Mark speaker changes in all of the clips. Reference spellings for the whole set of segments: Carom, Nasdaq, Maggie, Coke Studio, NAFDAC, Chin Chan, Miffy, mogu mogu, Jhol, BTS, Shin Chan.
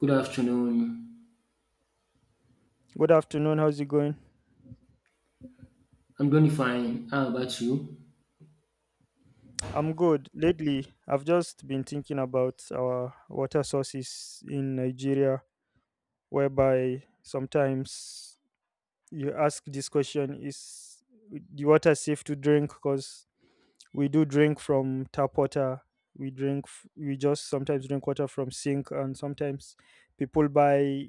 Speaker 1: Good afternoon.
Speaker 2: Good afternoon. How's it going?
Speaker 1: I'm doing fine. How about you?
Speaker 2: I'm good. Lately, I've just been thinking about our water sources in Nigeria, whereby sometimes you ask this question is the water safe to drink? Because we do drink from tap water, we just sometimes drink water from sink, and sometimes people buy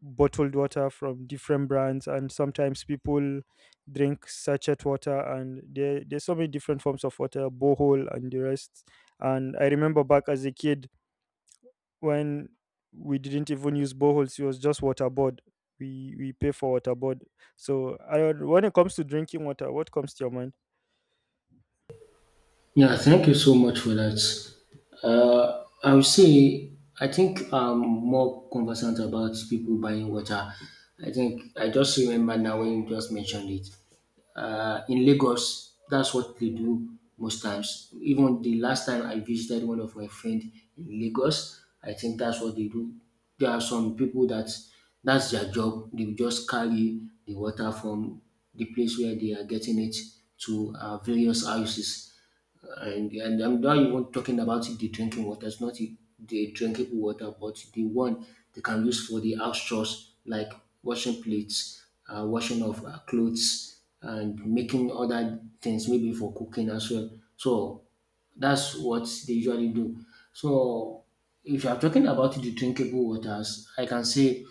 Speaker 2: bottled water from different brands, and sometimes people drink sachet water. And there's so many different forms of water, borehole and the rest. And I remember back as a kid when we didn't even use boreholes, it was just waterboard. We pay for waterboard. So I, don't- when it comes to drinking water, what comes to your mind?
Speaker 1: Yeah, thank you so much for that. I would say I think I'm more conversant about people buying water. I think I just remember now when you just mentioned it. In Lagos, that's what they do most times. Even the last time I visited one of my friend in Lagos, I think that's what they do. There are some people that that's their job. They will just carry the water from the place where they are getting it to various houses, and I'm not even talking about the drinking water. It's not the drinkable water, but the one they can use for the house chores like washing plates, washing of clothes, and making other things maybe for cooking as well. So that's what they usually do. So if you're talking about the drinkable waters, I can say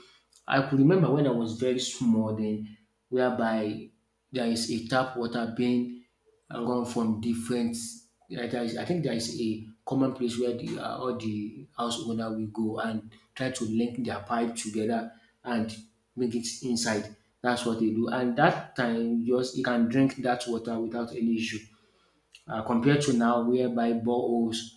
Speaker 1: I could remember when I was very small then, whereby there is a tap water being run from different. Yeah, There is, I think there is a common place where the all the house owner will go and try to link their pipe together and make it inside. That's what they do, and that time just you can drink that water without any issue compared to now, whereby boreholes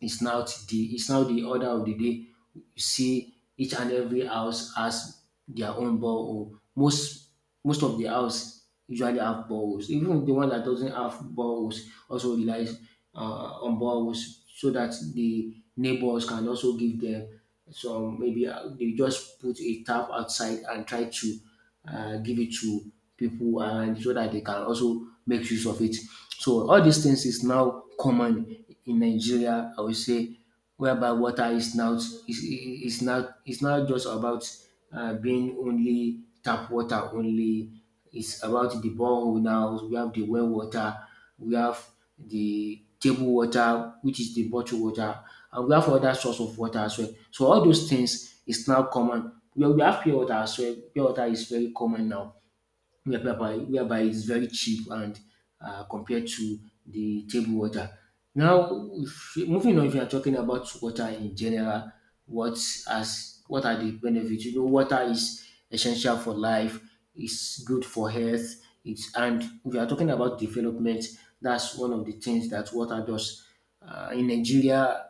Speaker 1: is now is now the order of the day. You see each and every house has their own borehole. Most of the house usually have boreholes. Even the one that doesn't have boreholes also relies on boreholes so that the neighbors can also give them some. Maybe they just put a tap outside and try to give it to people, and so that they can also make use of it. So all these things is now common in Nigeria. I would say, whereby water is now is not just about being only tap water only. It's about the borehole now. We have the well water. We have the table water, which is the bottled water, and we have other source of water as well. So all those things is now common. We have pure water as well. Pure water is very common now, whereby it's very cheap and compared to the table water. Now, if, moving on, if you are talking about water in general, what as what are the benefits? Water is essential for life. It's good for health. It's and if you are talking about development, that's one of the things that water does. Uh, in Nigeria,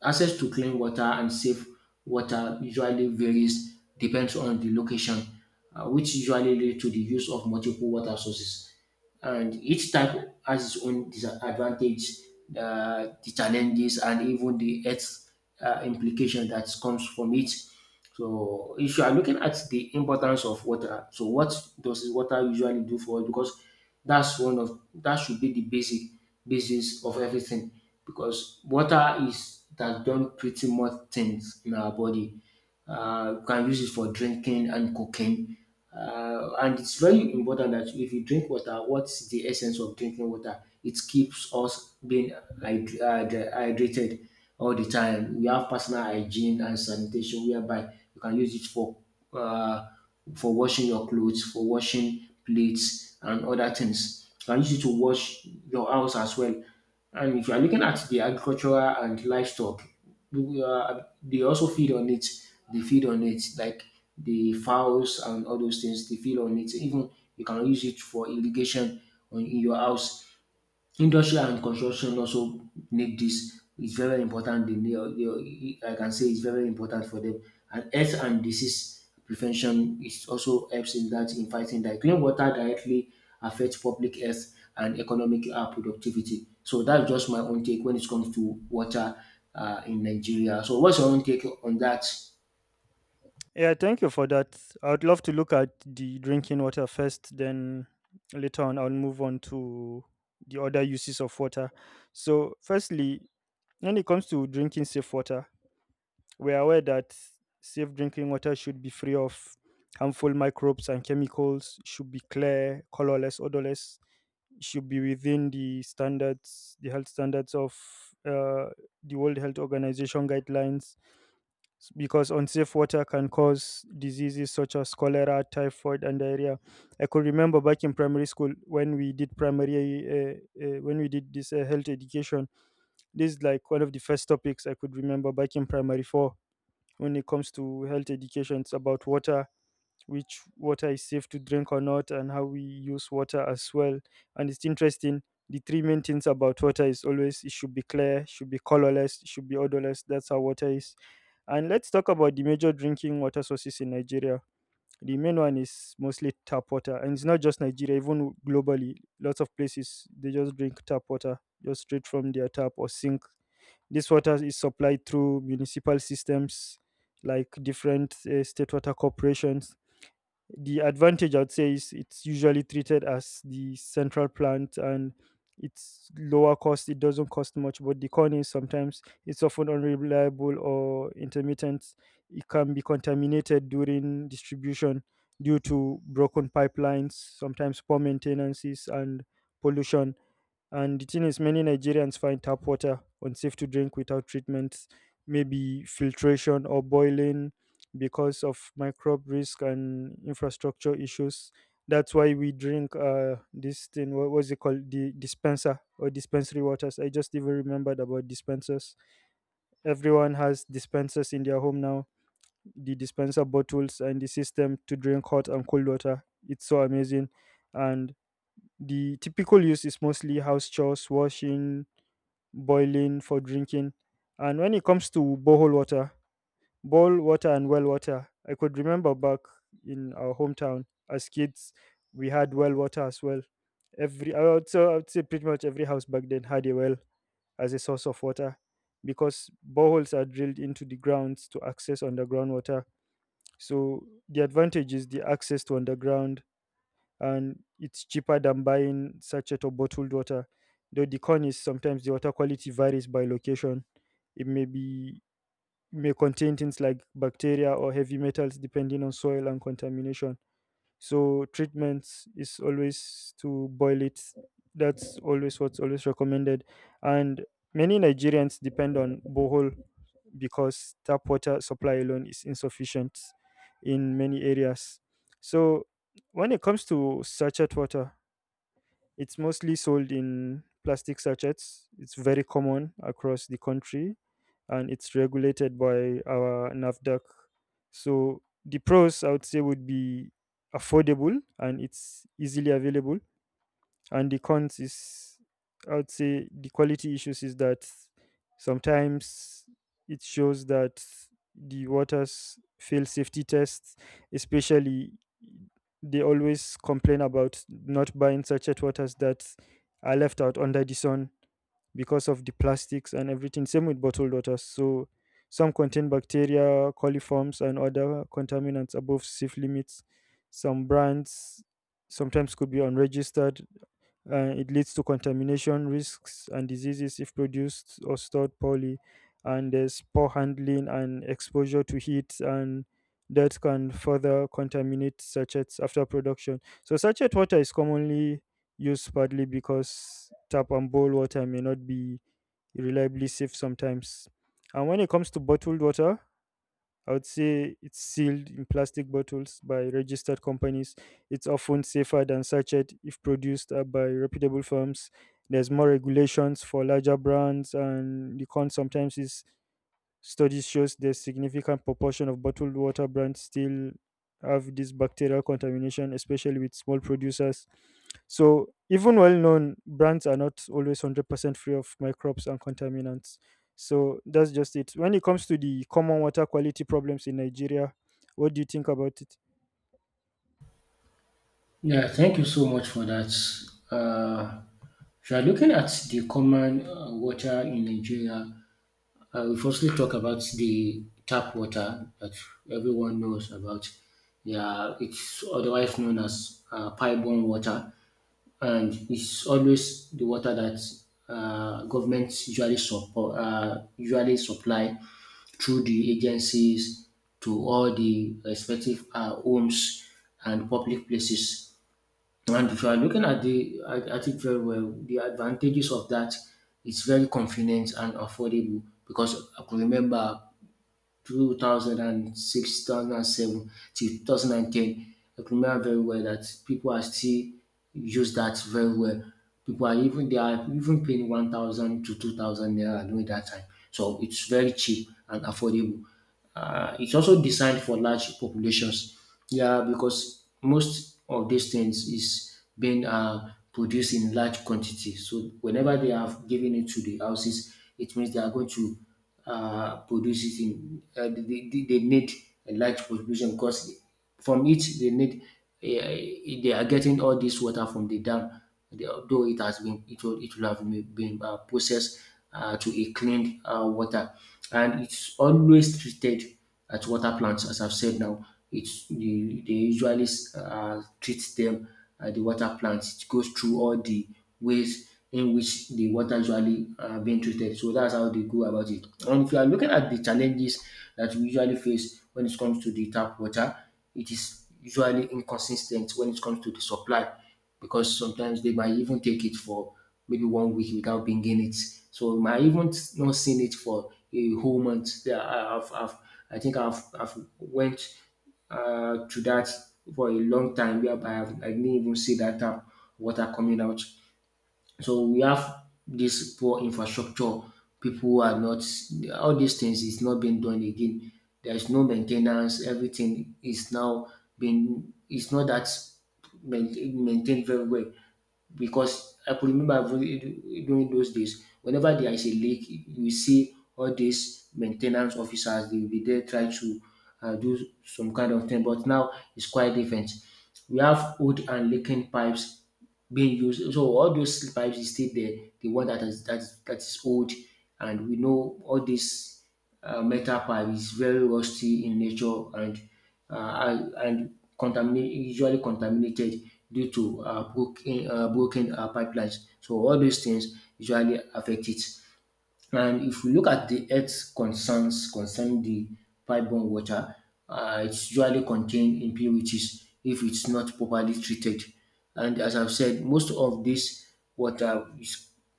Speaker 1: Access to clean water and safe water usually varies depends on the location, which usually lead to the use of multiple water sources. And each type has its own disadvantage, the challenges, and even the health implication that comes from it. So if you are looking at the importance of water, so what does water usually do for us? Because that's one of that should be the basic basis of everything. Because water is that done pretty much things in our body. You can use it for drinking and cooking, and it's very important that if you drink water, what's the essence of drinking water? It keeps us being hydrated all the time. We have personal hygiene and sanitation, whereby you can use it for uh, for washing your clothes, for washing plates, and other things. You can use it to wash your house as well. And if you are looking at the agricultural and livestock, they also feed on it. They feed on it like the fowls and all those things, they feel on it. Even you can use it for irrigation on in your house. Industry and construction also need this. It's very important. I can say it's very important for them. And health and disease prevention is also helps in that, in fighting that, clean water directly affects public health and economic productivity. So that's just my own take when it comes to water in Nigeria. So what's your own take on that?
Speaker 2: Yeah, thank you for that. I would love to look at the drinking water first, then later on I'll move on to the other uses of water. So, firstly, when it comes to drinking safe water, we're aware that safe drinking water should be free of harmful microbes and chemicals, should be clear, colorless, odorless, should be within the standards, the health standards of uh, the World Health Organization guidelines because unsafe water can cause diseases such as cholera, typhoid, and diarrhea. I could remember back in primary school when we did primary, when we did this health education. This is like one of the first topics I could remember back in primary four when it comes to health education. It's about water, which water is safe to drink or not, and how we use water as well. And it's interesting, the three main things about water is always it should be clear, should be colorless, should be odorless. That's how water is. And let's talk about the major drinking water sources in Nigeria. The main one is mostly tap water, and it's not just Nigeria, even globally, lots of places they just drink tap water just straight from their tap or sink. This water is supplied through municipal systems like different state water corporations. The advantage I'd say is it's usually treated as the central plant, and it's lower cost. It doesn't cost much, but the corn is sometimes it's often unreliable or intermittent. It can be contaminated during distribution due to broken pipelines, sometimes poor maintenances and pollution. And the thing is, many Nigerians find tap water unsafe to drink without treatments, maybe filtration or boiling, because of microbe risk and infrastructure issues. That's why we drink this thing, what was it called? The dispenser or dispensary waters. I just even remembered about dispensers. Everyone has dispensers in their home now, the dispenser bottles and the system to drink hot and cold water. It's so amazing. And the typical use is mostly house chores, washing, boiling for drinking. And when it comes to borehole water and well water, I could remember back in our hometown as kids, we had well water as well. Every I would say pretty much every house back then had a well as a source of water, because boreholes are drilled into the grounds to access underground water. So the advantage is the access to underground, and it's cheaper than buying sachet or bottled water. Though the con is sometimes the water quality varies by location, it may contain things like bacteria or heavy metals depending on soil and contamination. So treatment is always to boil it. That's always what's always recommended. And many Nigerians depend on borehole because tap water supply alone is insufficient in many areas. So when it comes to sachet water, it's mostly sold in plastic sachets. It's very common across the country, and it's regulated by our NAFDAC. So the pros I would say would be affordable and it's easily available, and the cons is I would say the quality issues is that sometimes it shows that the waters fail safety tests, especially they always complain about not buying sachet waters that are left out under the sun because of the plastics and everything, same with bottled waters. So some contain bacteria, coliforms, and other contaminants above safe limits. Some brands sometimes could be unregistered. It leads to contamination risks and diseases if produced or stored poorly. And there's poor handling and exposure to heat, and that can further contaminate sachets after production. So, sachet water is commonly used partly because tap and bowl water may not be reliably safe sometimes. And when it comes to bottled water, I would say it's sealed in plastic bottles by registered companies. It's often safer than sachet if produced by reputable firms. There's more regulations for larger brands, and the con sometimes is studies shows that significant proportion of bottled water brands still have this bacterial contamination, especially with small producers. So even well-known brands are not always 100% free of microbes and contaminants. So that's just it. When it comes to the common water quality problems in Nigeria, what do you think about it?
Speaker 1: Yeah, thank you so much for that. Uh, if you are looking at the common water in Nigeria, we firstly talk about the tap water that everyone knows about. Yeah, it's otherwise known as pipe-borne water, and it's always the water that governments usually support, usually supply through the agencies to all the respective homes and public places. And if you are looking at the at it very well, the advantages of that, it's very convenient and affordable, because I could remember 2006, 2007 till 2010. I could remember very well that people are still use that very well. People are even they are even paying 1,000 to 2,000 naira during that time. So it's very cheap and affordable. It's also designed for large populations. Yeah, because most of these things is being produced in large quantity. So whenever they have given it to the houses, it means they are going to produces in they need a large population, because from it they need they are getting all this water from the dam. Although it has been it will have been processed to a clean water, and it's always treated at water plants. As I've said now, they usually treat them at the water plants. It goes through all the ways in which the water usually being treated. So that's how they go about it. And if you are looking at the challenges that we usually face when it comes to the tap water, it is usually inconsistent when it comes to the supply, because sometimes they might even take it for maybe one week without bringing it. So I might even not seen it for a whole month. Yeah, I think I've went to that for a long time, whereby I didn't even see that tap water coming out. So we have this poor infrastructure. People who are not, all these things is not being done again. There is no main ten ance, everything is now being, its not that maintained very well, because I could remember during those days, whenever there is a leak, you see all these maintenance officers, they will be there trying to do some kind of thing. But now it's quite different. We have old and leaking pipes being used. So all those pipes is still there. The one that is that is old, and we know all this metal pipe is very rusty in nature, and and contaminate, usually contaminated due to broken pipelines. So all those things usually affect it. And if we look at the health concerns concerning the pipeborne water, it's usually contain impurities if it's not properly treated. And as I've said, most of this water is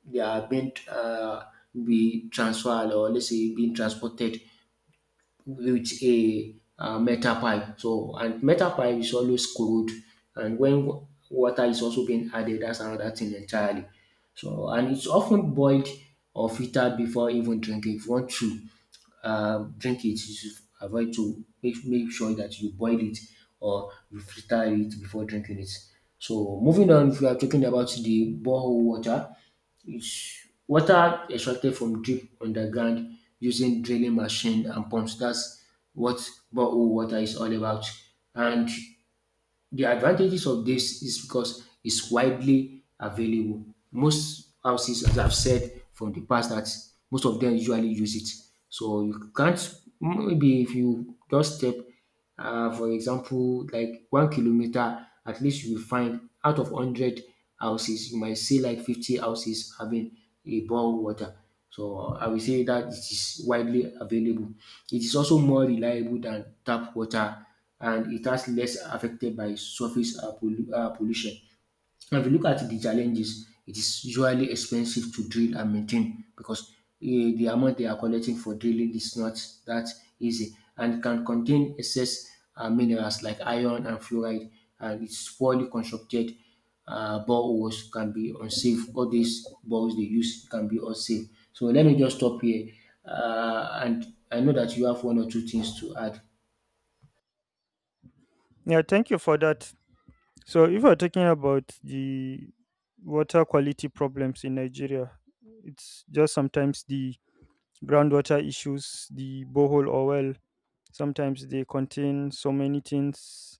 Speaker 1: they are being be transferred, or let's say being transported with a metal pipe. So, and metal pipe is always cold, and water is also being added, that's another thing entirely. So, and it's often boiled or filtered before even drinking. If you want to drink it, you should avoid to make sure that you boil it or you filter it before drinking it. So moving on, if we are talking about the borehole water, it's water extracted from drip underground using drilling machine and pumps. That's what borehole water is all about. And the advantages of this is because it's widely available. Most houses, as I've said from the past, that most of them usually use it. So you can't, maybe if you just step, for example, like 1 kilometer, at least you will find out of 100 houses, you might see like 50 houses having a bore water. So I will say that it is widely available. It is also more reliable than tap water, and it has less affected by surface pollution. Now, if you look at the challenges, it is usually expensive to drill and maintain, because the amount they are collecting for drilling is not that easy, and can contain excess minerals like iron and fluoride, and it's poorly constructed. Boreholes can be unsafe. All these boreholes they use can be unsafe. So let me just stop here, and I know that you have one or two things to add.
Speaker 2: Yeah, thank you for that. So if we're talking about the water quality problems in Nigeria, it's just sometimes the groundwater issues, the borehole or well, sometimes they contain so many things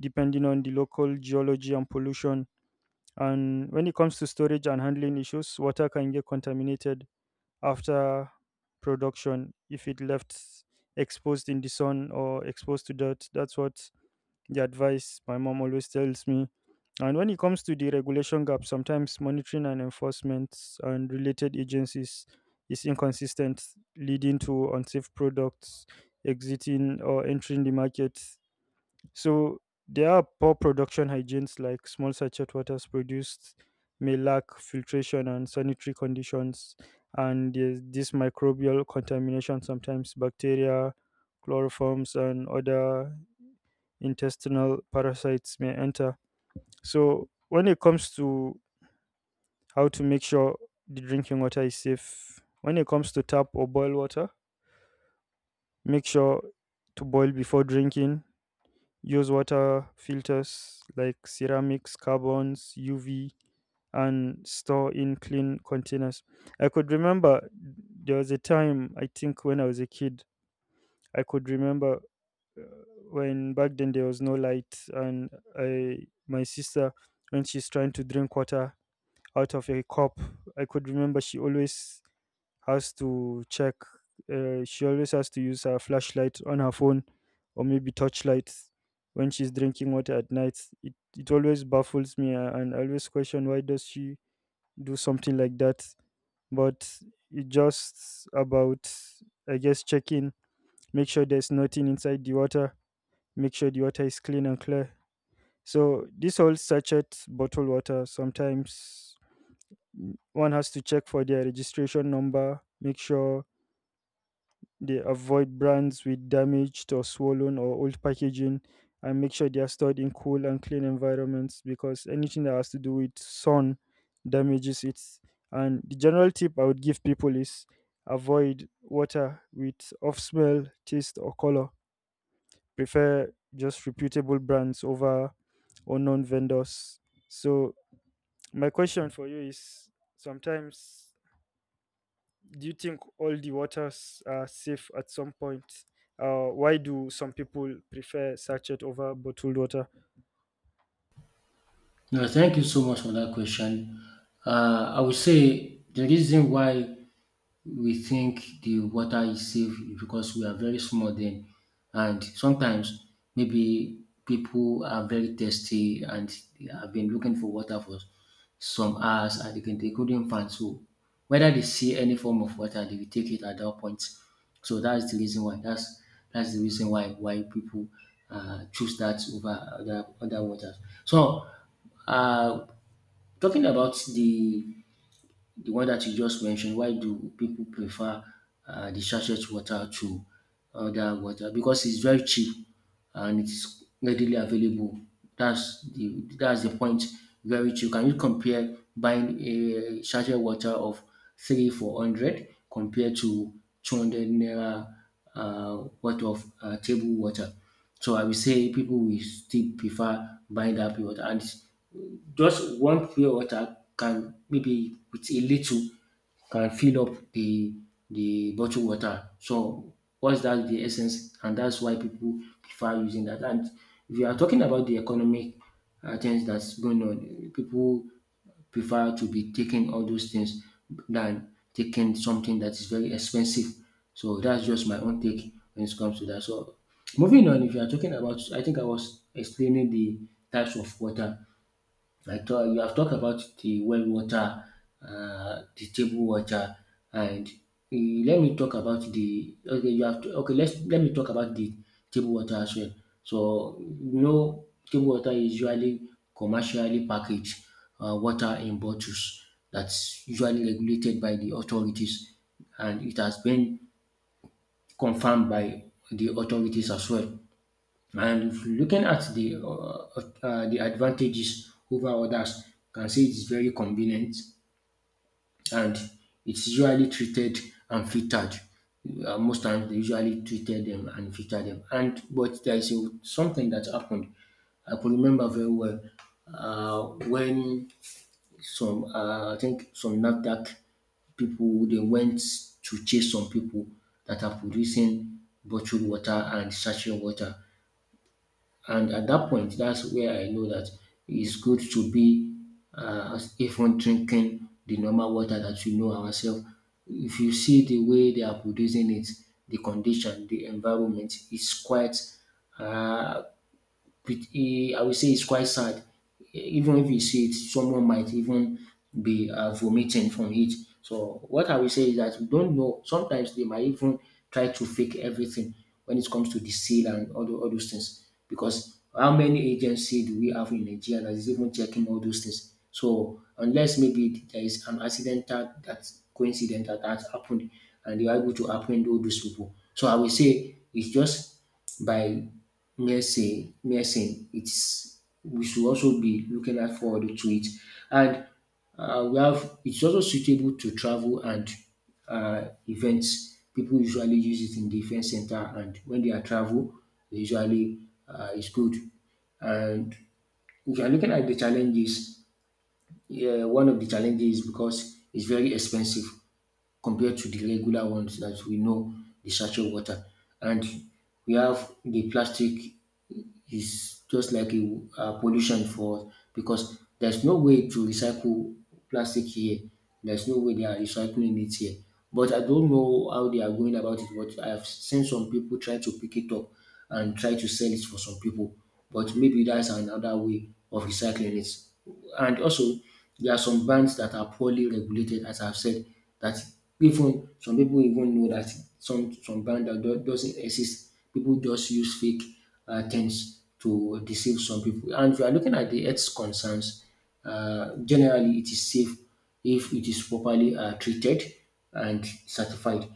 Speaker 2: depending on the local geology and pollution. And when it comes to storage and handling issues, water can get contaminated after production if it left exposed in the sun or exposed to dirt. That's what the advice my mom always tells me. And when it comes to the regulation gap, sometimes monitoring and enforcement and related agencies is inconsistent, leading to unsafe products exiting or entering the market. So there are poor production hygienes like small sachet waters produced may lack filtration and sanitary conditions, and there's this microbial contamination, sometimes bacteria, chloroforms, and other intestinal parasites may enter. So when it comes to how to make sure the drinking water is safe, when it comes to tap or boil water, make sure to boil before drinking. Use water filters like ceramics, carbons, UV, and store in clean containers. I could remember there was a time, I think, when I was a kid, I could remember when back then there was no light, and I my sister, when she's trying to drink water out of a cup, I could remember she always has to check, she always has to use her flashlight on her phone, or maybe torchlight, when she's drinking water at night. It always baffles me, and I always question, why does she do something like that? But it just about, I guess, checking, make sure there's nothing inside the water, make sure the water is clean and clear. So this whole sachet, bottled water, sometimes, one has to check for their registration number, make sure they avoid brands with damaged or swollen or old packaging, and make sure they are stored in cool and clean environments, because anything that has to do with sun damages it. And the general tip I would give people is avoid water with off smell, taste, or color. Prefer just reputable brands over or non vendors. So my question for you is, sometimes, do you think all the waters are safe at some point? Why do some people prefer sachet over bottled water?
Speaker 1: No, thank you so much for that question. I would say the reason why we think the water is safe because we are very small then. And sometimes maybe people are very thirsty, and they have been looking for water for some hours, and they couldn't find. So whether they see any form of water, they will take it at that point. So that's the reason why. That's the reason why people choose that over other waters. So uh, talking about the one that you just mentioned, why do people prefer the sachet water to other water? Because it's very cheap and it's readily available. That's the point. Very cheap. Can you compare buying a sachet water of three four hundred compared to 200 naira worth of table water? So I will say people will still prefer buying that pure water, and just one pure water can, maybe with a little, can fill up the bottled water. So what's that the essence, and that's why people prefer using that. And if you are talking about the economic things that's going on, people prefer to be taking all those things than taking something that is very expensive. So that's just my own take when it comes to that. So moving on, if you are talking about, I think I was explaining the types of water. I thought you have talked about the well water, the table water, and let me talk about the okay. You have to, okay. Let me talk about the table water as well. So table water is usually commercially packaged water in bottles that's usually regulated by the authorities, and it has been confirmed by the authorities as well. And looking at the advantages over others, can say it's very convenient and it's usually treated and filtered. Most times they usually treated them and filtered them. And but there is a, something that happened. I could remember very well when some I think some Nasdaq people they went to chase some people that are producing bottled water and sachet water, and at that point, that's where I know that it's good to be even drinking the normal water that we know ourselves. If you see the way they are producing it, the condition, the environment is quite uh, I will say it's quite sad. Even if you see it, someone might even be vomiting from it. So what I will say is that we don't know. Sometimes they might even try to fake everything when it comes to the seal and all, all those things. Because how many agency do we have in Nigeria that is even checking all those things? So unless maybe there is an accident, that coincident that has happened and they are able to apprehend all those people. So I will say it's just by mere saying, it's we should also be looking out forward to it. And we have, it's also suitable to travel and events. People usually use it in the event center, and when they are travel, they usually, it's good. And if you are looking at the challenges, yeah, one of the challenges is because it's very expensive compared to the regular ones that we know, the sachet water. And we have, the plastic is just like a pollution for us because there's no way to recycle plastic here. There's no way they are recycling it here. But I don't know how they are going about it. But I have seen some people try to pick it up and try to sell it for some people. But maybe that's another way of recycling it. And also, there are some brands that are poorly regulated, as I've said, that even some people even know that some brand that doesn't exist. People just use fake tends to deceive some people. And if you are looking at the health concerns, generally it is safe if it is properly treated and certified.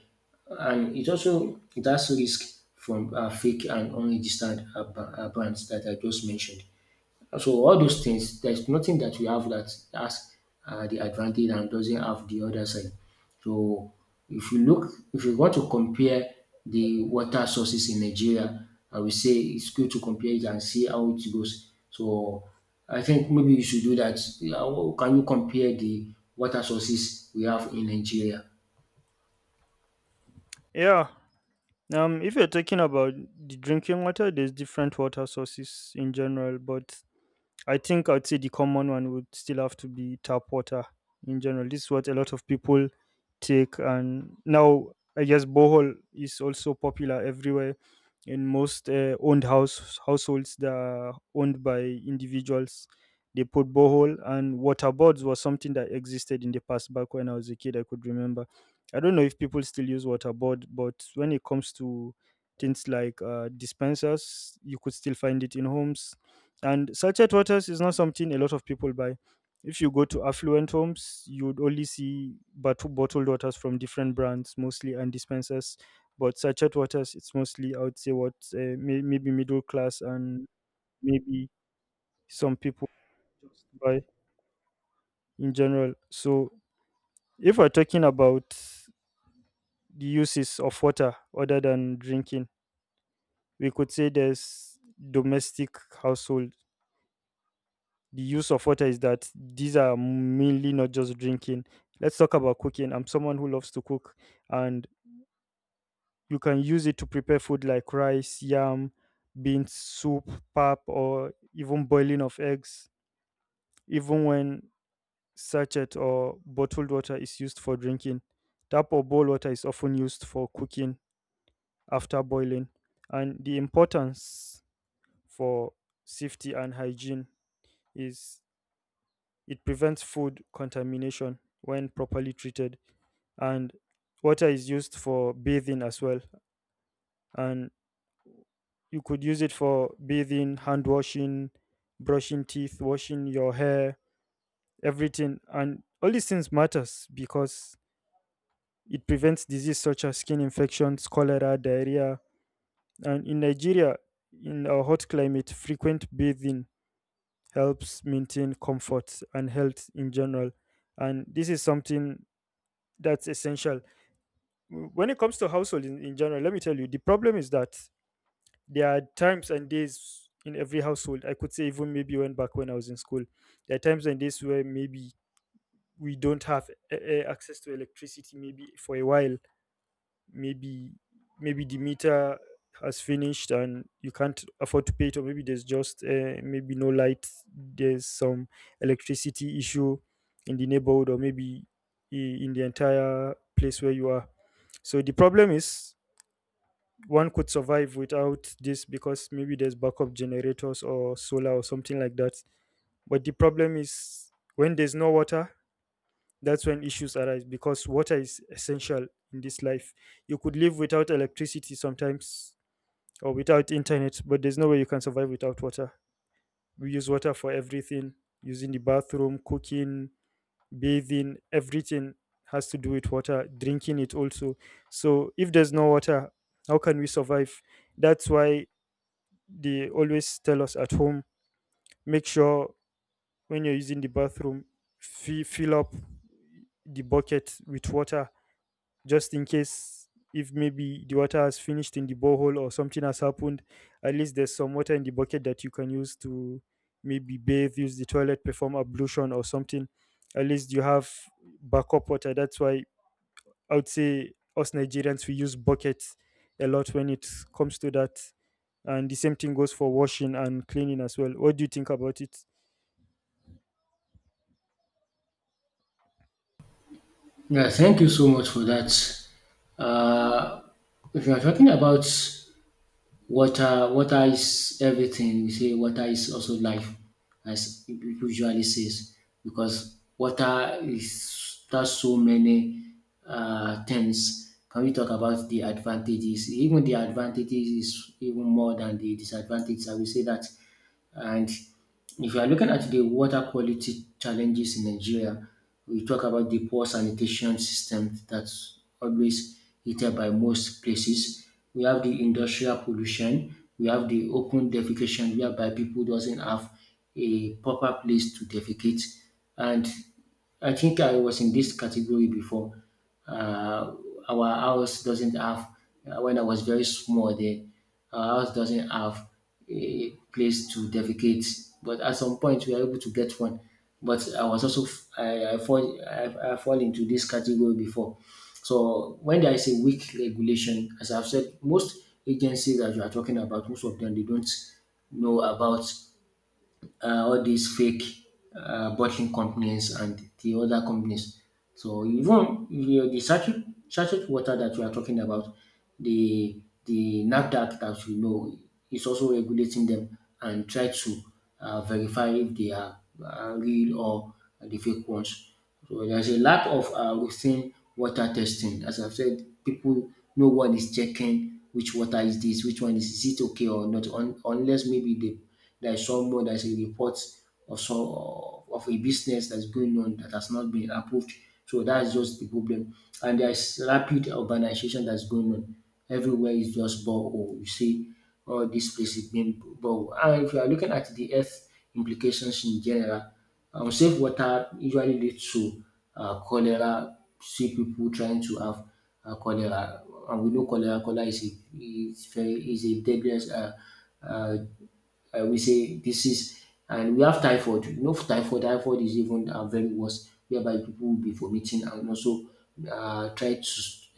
Speaker 1: And it also it has risk from fake and unregistered brands that I just mentioned. So all those things, there's nothing that we have that has the advantage and doesn't have the other side. So if you look, if you want to compare the water sources in Nigeria, I would say it's good to compare it and see how it goes. So I think maybe you should do that. Yeah, how can you compare the water sources we have in Nigeria?
Speaker 2: Yeah. If you're talking about the drinking water, there's different water sources in general, but I think I'd say the common one would still have to be tap water in general. This is what a lot of people take, and now I guess borehole is also popular everywhere. In most owned house households that are owned by individuals, they put borehole, and water boards was something that existed in the past. Back when I was a kid, I could remember. I don't know if people still use water board, but when it comes to things like dispensers, you could still find it in homes, and sachet waters is not something a lot of people buy. If you go to affluent homes, you'd only see bottled waters from different brands, mostly, and dispensers. But sachet waters, it's mostly, I would say, what, maybe middle class, and maybe some people buy in general. So, if we're talking about the uses of water other than drinking, we could say there's domestic household. The use of water is that these are mainly not just drinking. Let's talk about cooking. I'm someone who loves to cook, and you can use it to prepare food like rice, yam, beans, soup, pap, or even boiling of eggs. Even when sachet or bottled water is used for drinking, tap or boil water is often used for cooking after boiling, and the importance for safety and hygiene is it prevents food contamination when properly treated. And water is used for bathing as well. And you could use it for bathing, hand washing, brushing teeth, washing your hair, everything. And all these things matters because it prevents disease such as skin infections, cholera, diarrhea. And in Nigeria, in our hot climate, frequent bathing helps maintain comfort and health in general. And this is something that's essential when it comes to household in general. Let me tell you, the problem is that there are times and days in every household, I could say, even maybe when back when I was in school, there are times and days where maybe we don't have access to electricity maybe for a while. Maybe the meter has finished and you can't afford to pay it, or maybe there's just maybe no light, there's some electricity issue in the neighborhood, or maybe in the entire place where you are. So the problem is, one could survive without this because maybe there's backup generators or solar or something like that. But the problem is, when there's no water, that's when issues arise, because water is essential in this life. You could live without electricity sometimes, or without internet, but there's no way you can survive without water. We use water for everything, using the bathroom, cooking, bathing. Everything has to do with water, drinking it also. So if there's no water, how can we survive? That's why they always tell us at home, make sure when you're using the bathroom, fill up the bucket with water, just in case if maybe the water has finished in the borehole or something has happened, at least there's some water in the bucket that you can use to maybe bathe, use the toilet, perform ablution, or something. At least you have backup water. That's why I would say us Nigerians, we use buckets a lot when it comes to that, and the same thing goes for washing and cleaning as well. What do you think about it?
Speaker 1: Yeah, thank you so much for that. Uh, if you are talking about water, water is everything. We say water is also life, as people usually says, because water is does so many things. Can we talk about the advantages? Even the advantages is even more than the disadvantages, I will say that. And if you are looking at the water quality challenges in Nigeria, we talk about the poor sanitation system that's always hated by most places. We have the industrial pollution. We have the open defecation whereby people doesn't have a proper place to defecate, and I think I was in this category before. Uh, our house doesn't have, when I was very small there, our house doesn't have a place to defecate. But at some point, we were able to get one. But I was also, I fall into this category before. So when there is a weak regulation, as I've said, most agencies that you are talking about, most of them, they don't know about all these fake bottling companies and the other companies. So even the sachet water that we are talking about, the NAFDAC that we know is also regulating them and try to verify if they are real or the fake ones. So there's a lack of routine water testing. As I've said, people, no one is checking which water is this, which one is it okay or not, unless maybe they, there is someone, there's a report of, some, of a business that's going on that has not been approved. So that's just the problem. And there's rapid urbanization that's going on. Everywhere is just borehole. You see all these places being borehole. And if you are looking at the earth implications in general, unsafe water usually leads to cholera. See people trying to have cholera, and we know cholera. Cholera is a deadliest, uh, we say, disease. And we have typhoid. You know, typhoid is even very worse, whereby people will be vomiting and also try to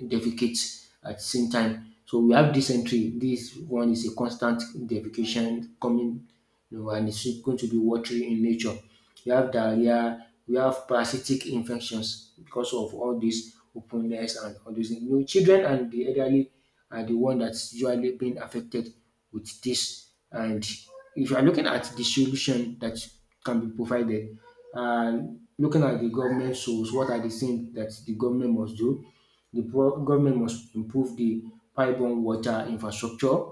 Speaker 1: defecate at the same time. So we have dysentery. This one is a constant defecation coming, and it's going to be watery in nature. You have diarrhea. We have parasitic infections because of all this openness and all these things. You know, children and the elderly are the one that's usually being affected with this. And if you are looking at the solution that can be provided, and looking at the government source, what are the things that the government must do? The government must improve the pipeline water infrastructure.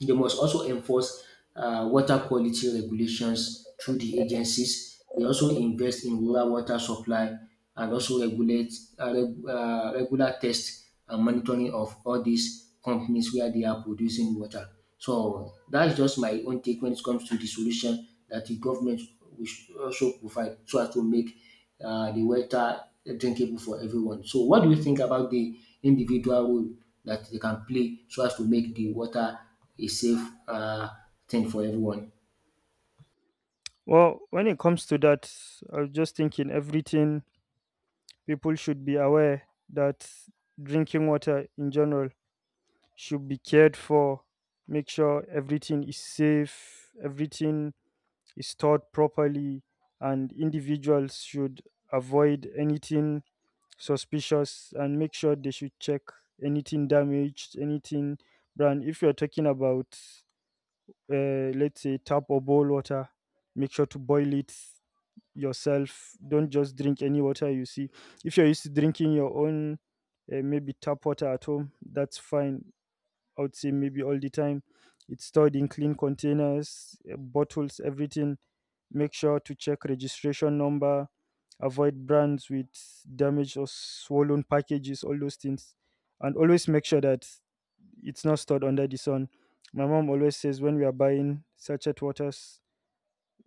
Speaker 1: They must also enforce water quality regulations through the agencies. They also invest in rural water supply and also regulate regular tests and monitoring of all these companies where they are producing water. So that's just my own take when it comes to the solution that the government we should also provide so as to make the water drinkable for everyone. So what do you think about the individual role that they can play so as to make the water a safe thing for everyone?
Speaker 2: Well, when it comes to that, I was just thinking, everything, people should be aware that drinking water in general should be cared for. Make sure everything is safe, everything is stored properly, and individuals should avoid anything suspicious, and make sure they should check anything damaged, anything brand. If you're talking about, let's say, tap or boil water, make sure to boil it yourself. Don't just drink any water you see. If you're used to drinking your own, maybe tap water at home, that's fine. I would say maybe all the time, it's stored in clean containers, bottles, everything. Make sure to check registration number, avoid brands with damaged or swollen packages, all those things. And always make sure that it's not stored under the sun. My mom always says when we are buying sachet waters,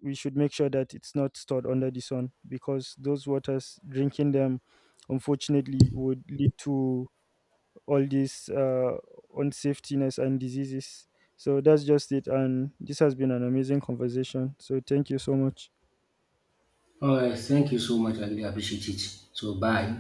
Speaker 2: we should make sure that it's not stored under the sun, because those waters, drinking them, unfortunately, would lead to all these unsafetiness and diseases. So that's just it. And this has been an amazing conversation. So thank you so much.
Speaker 1: All right, thank you so much. I really appreciate it. So bye.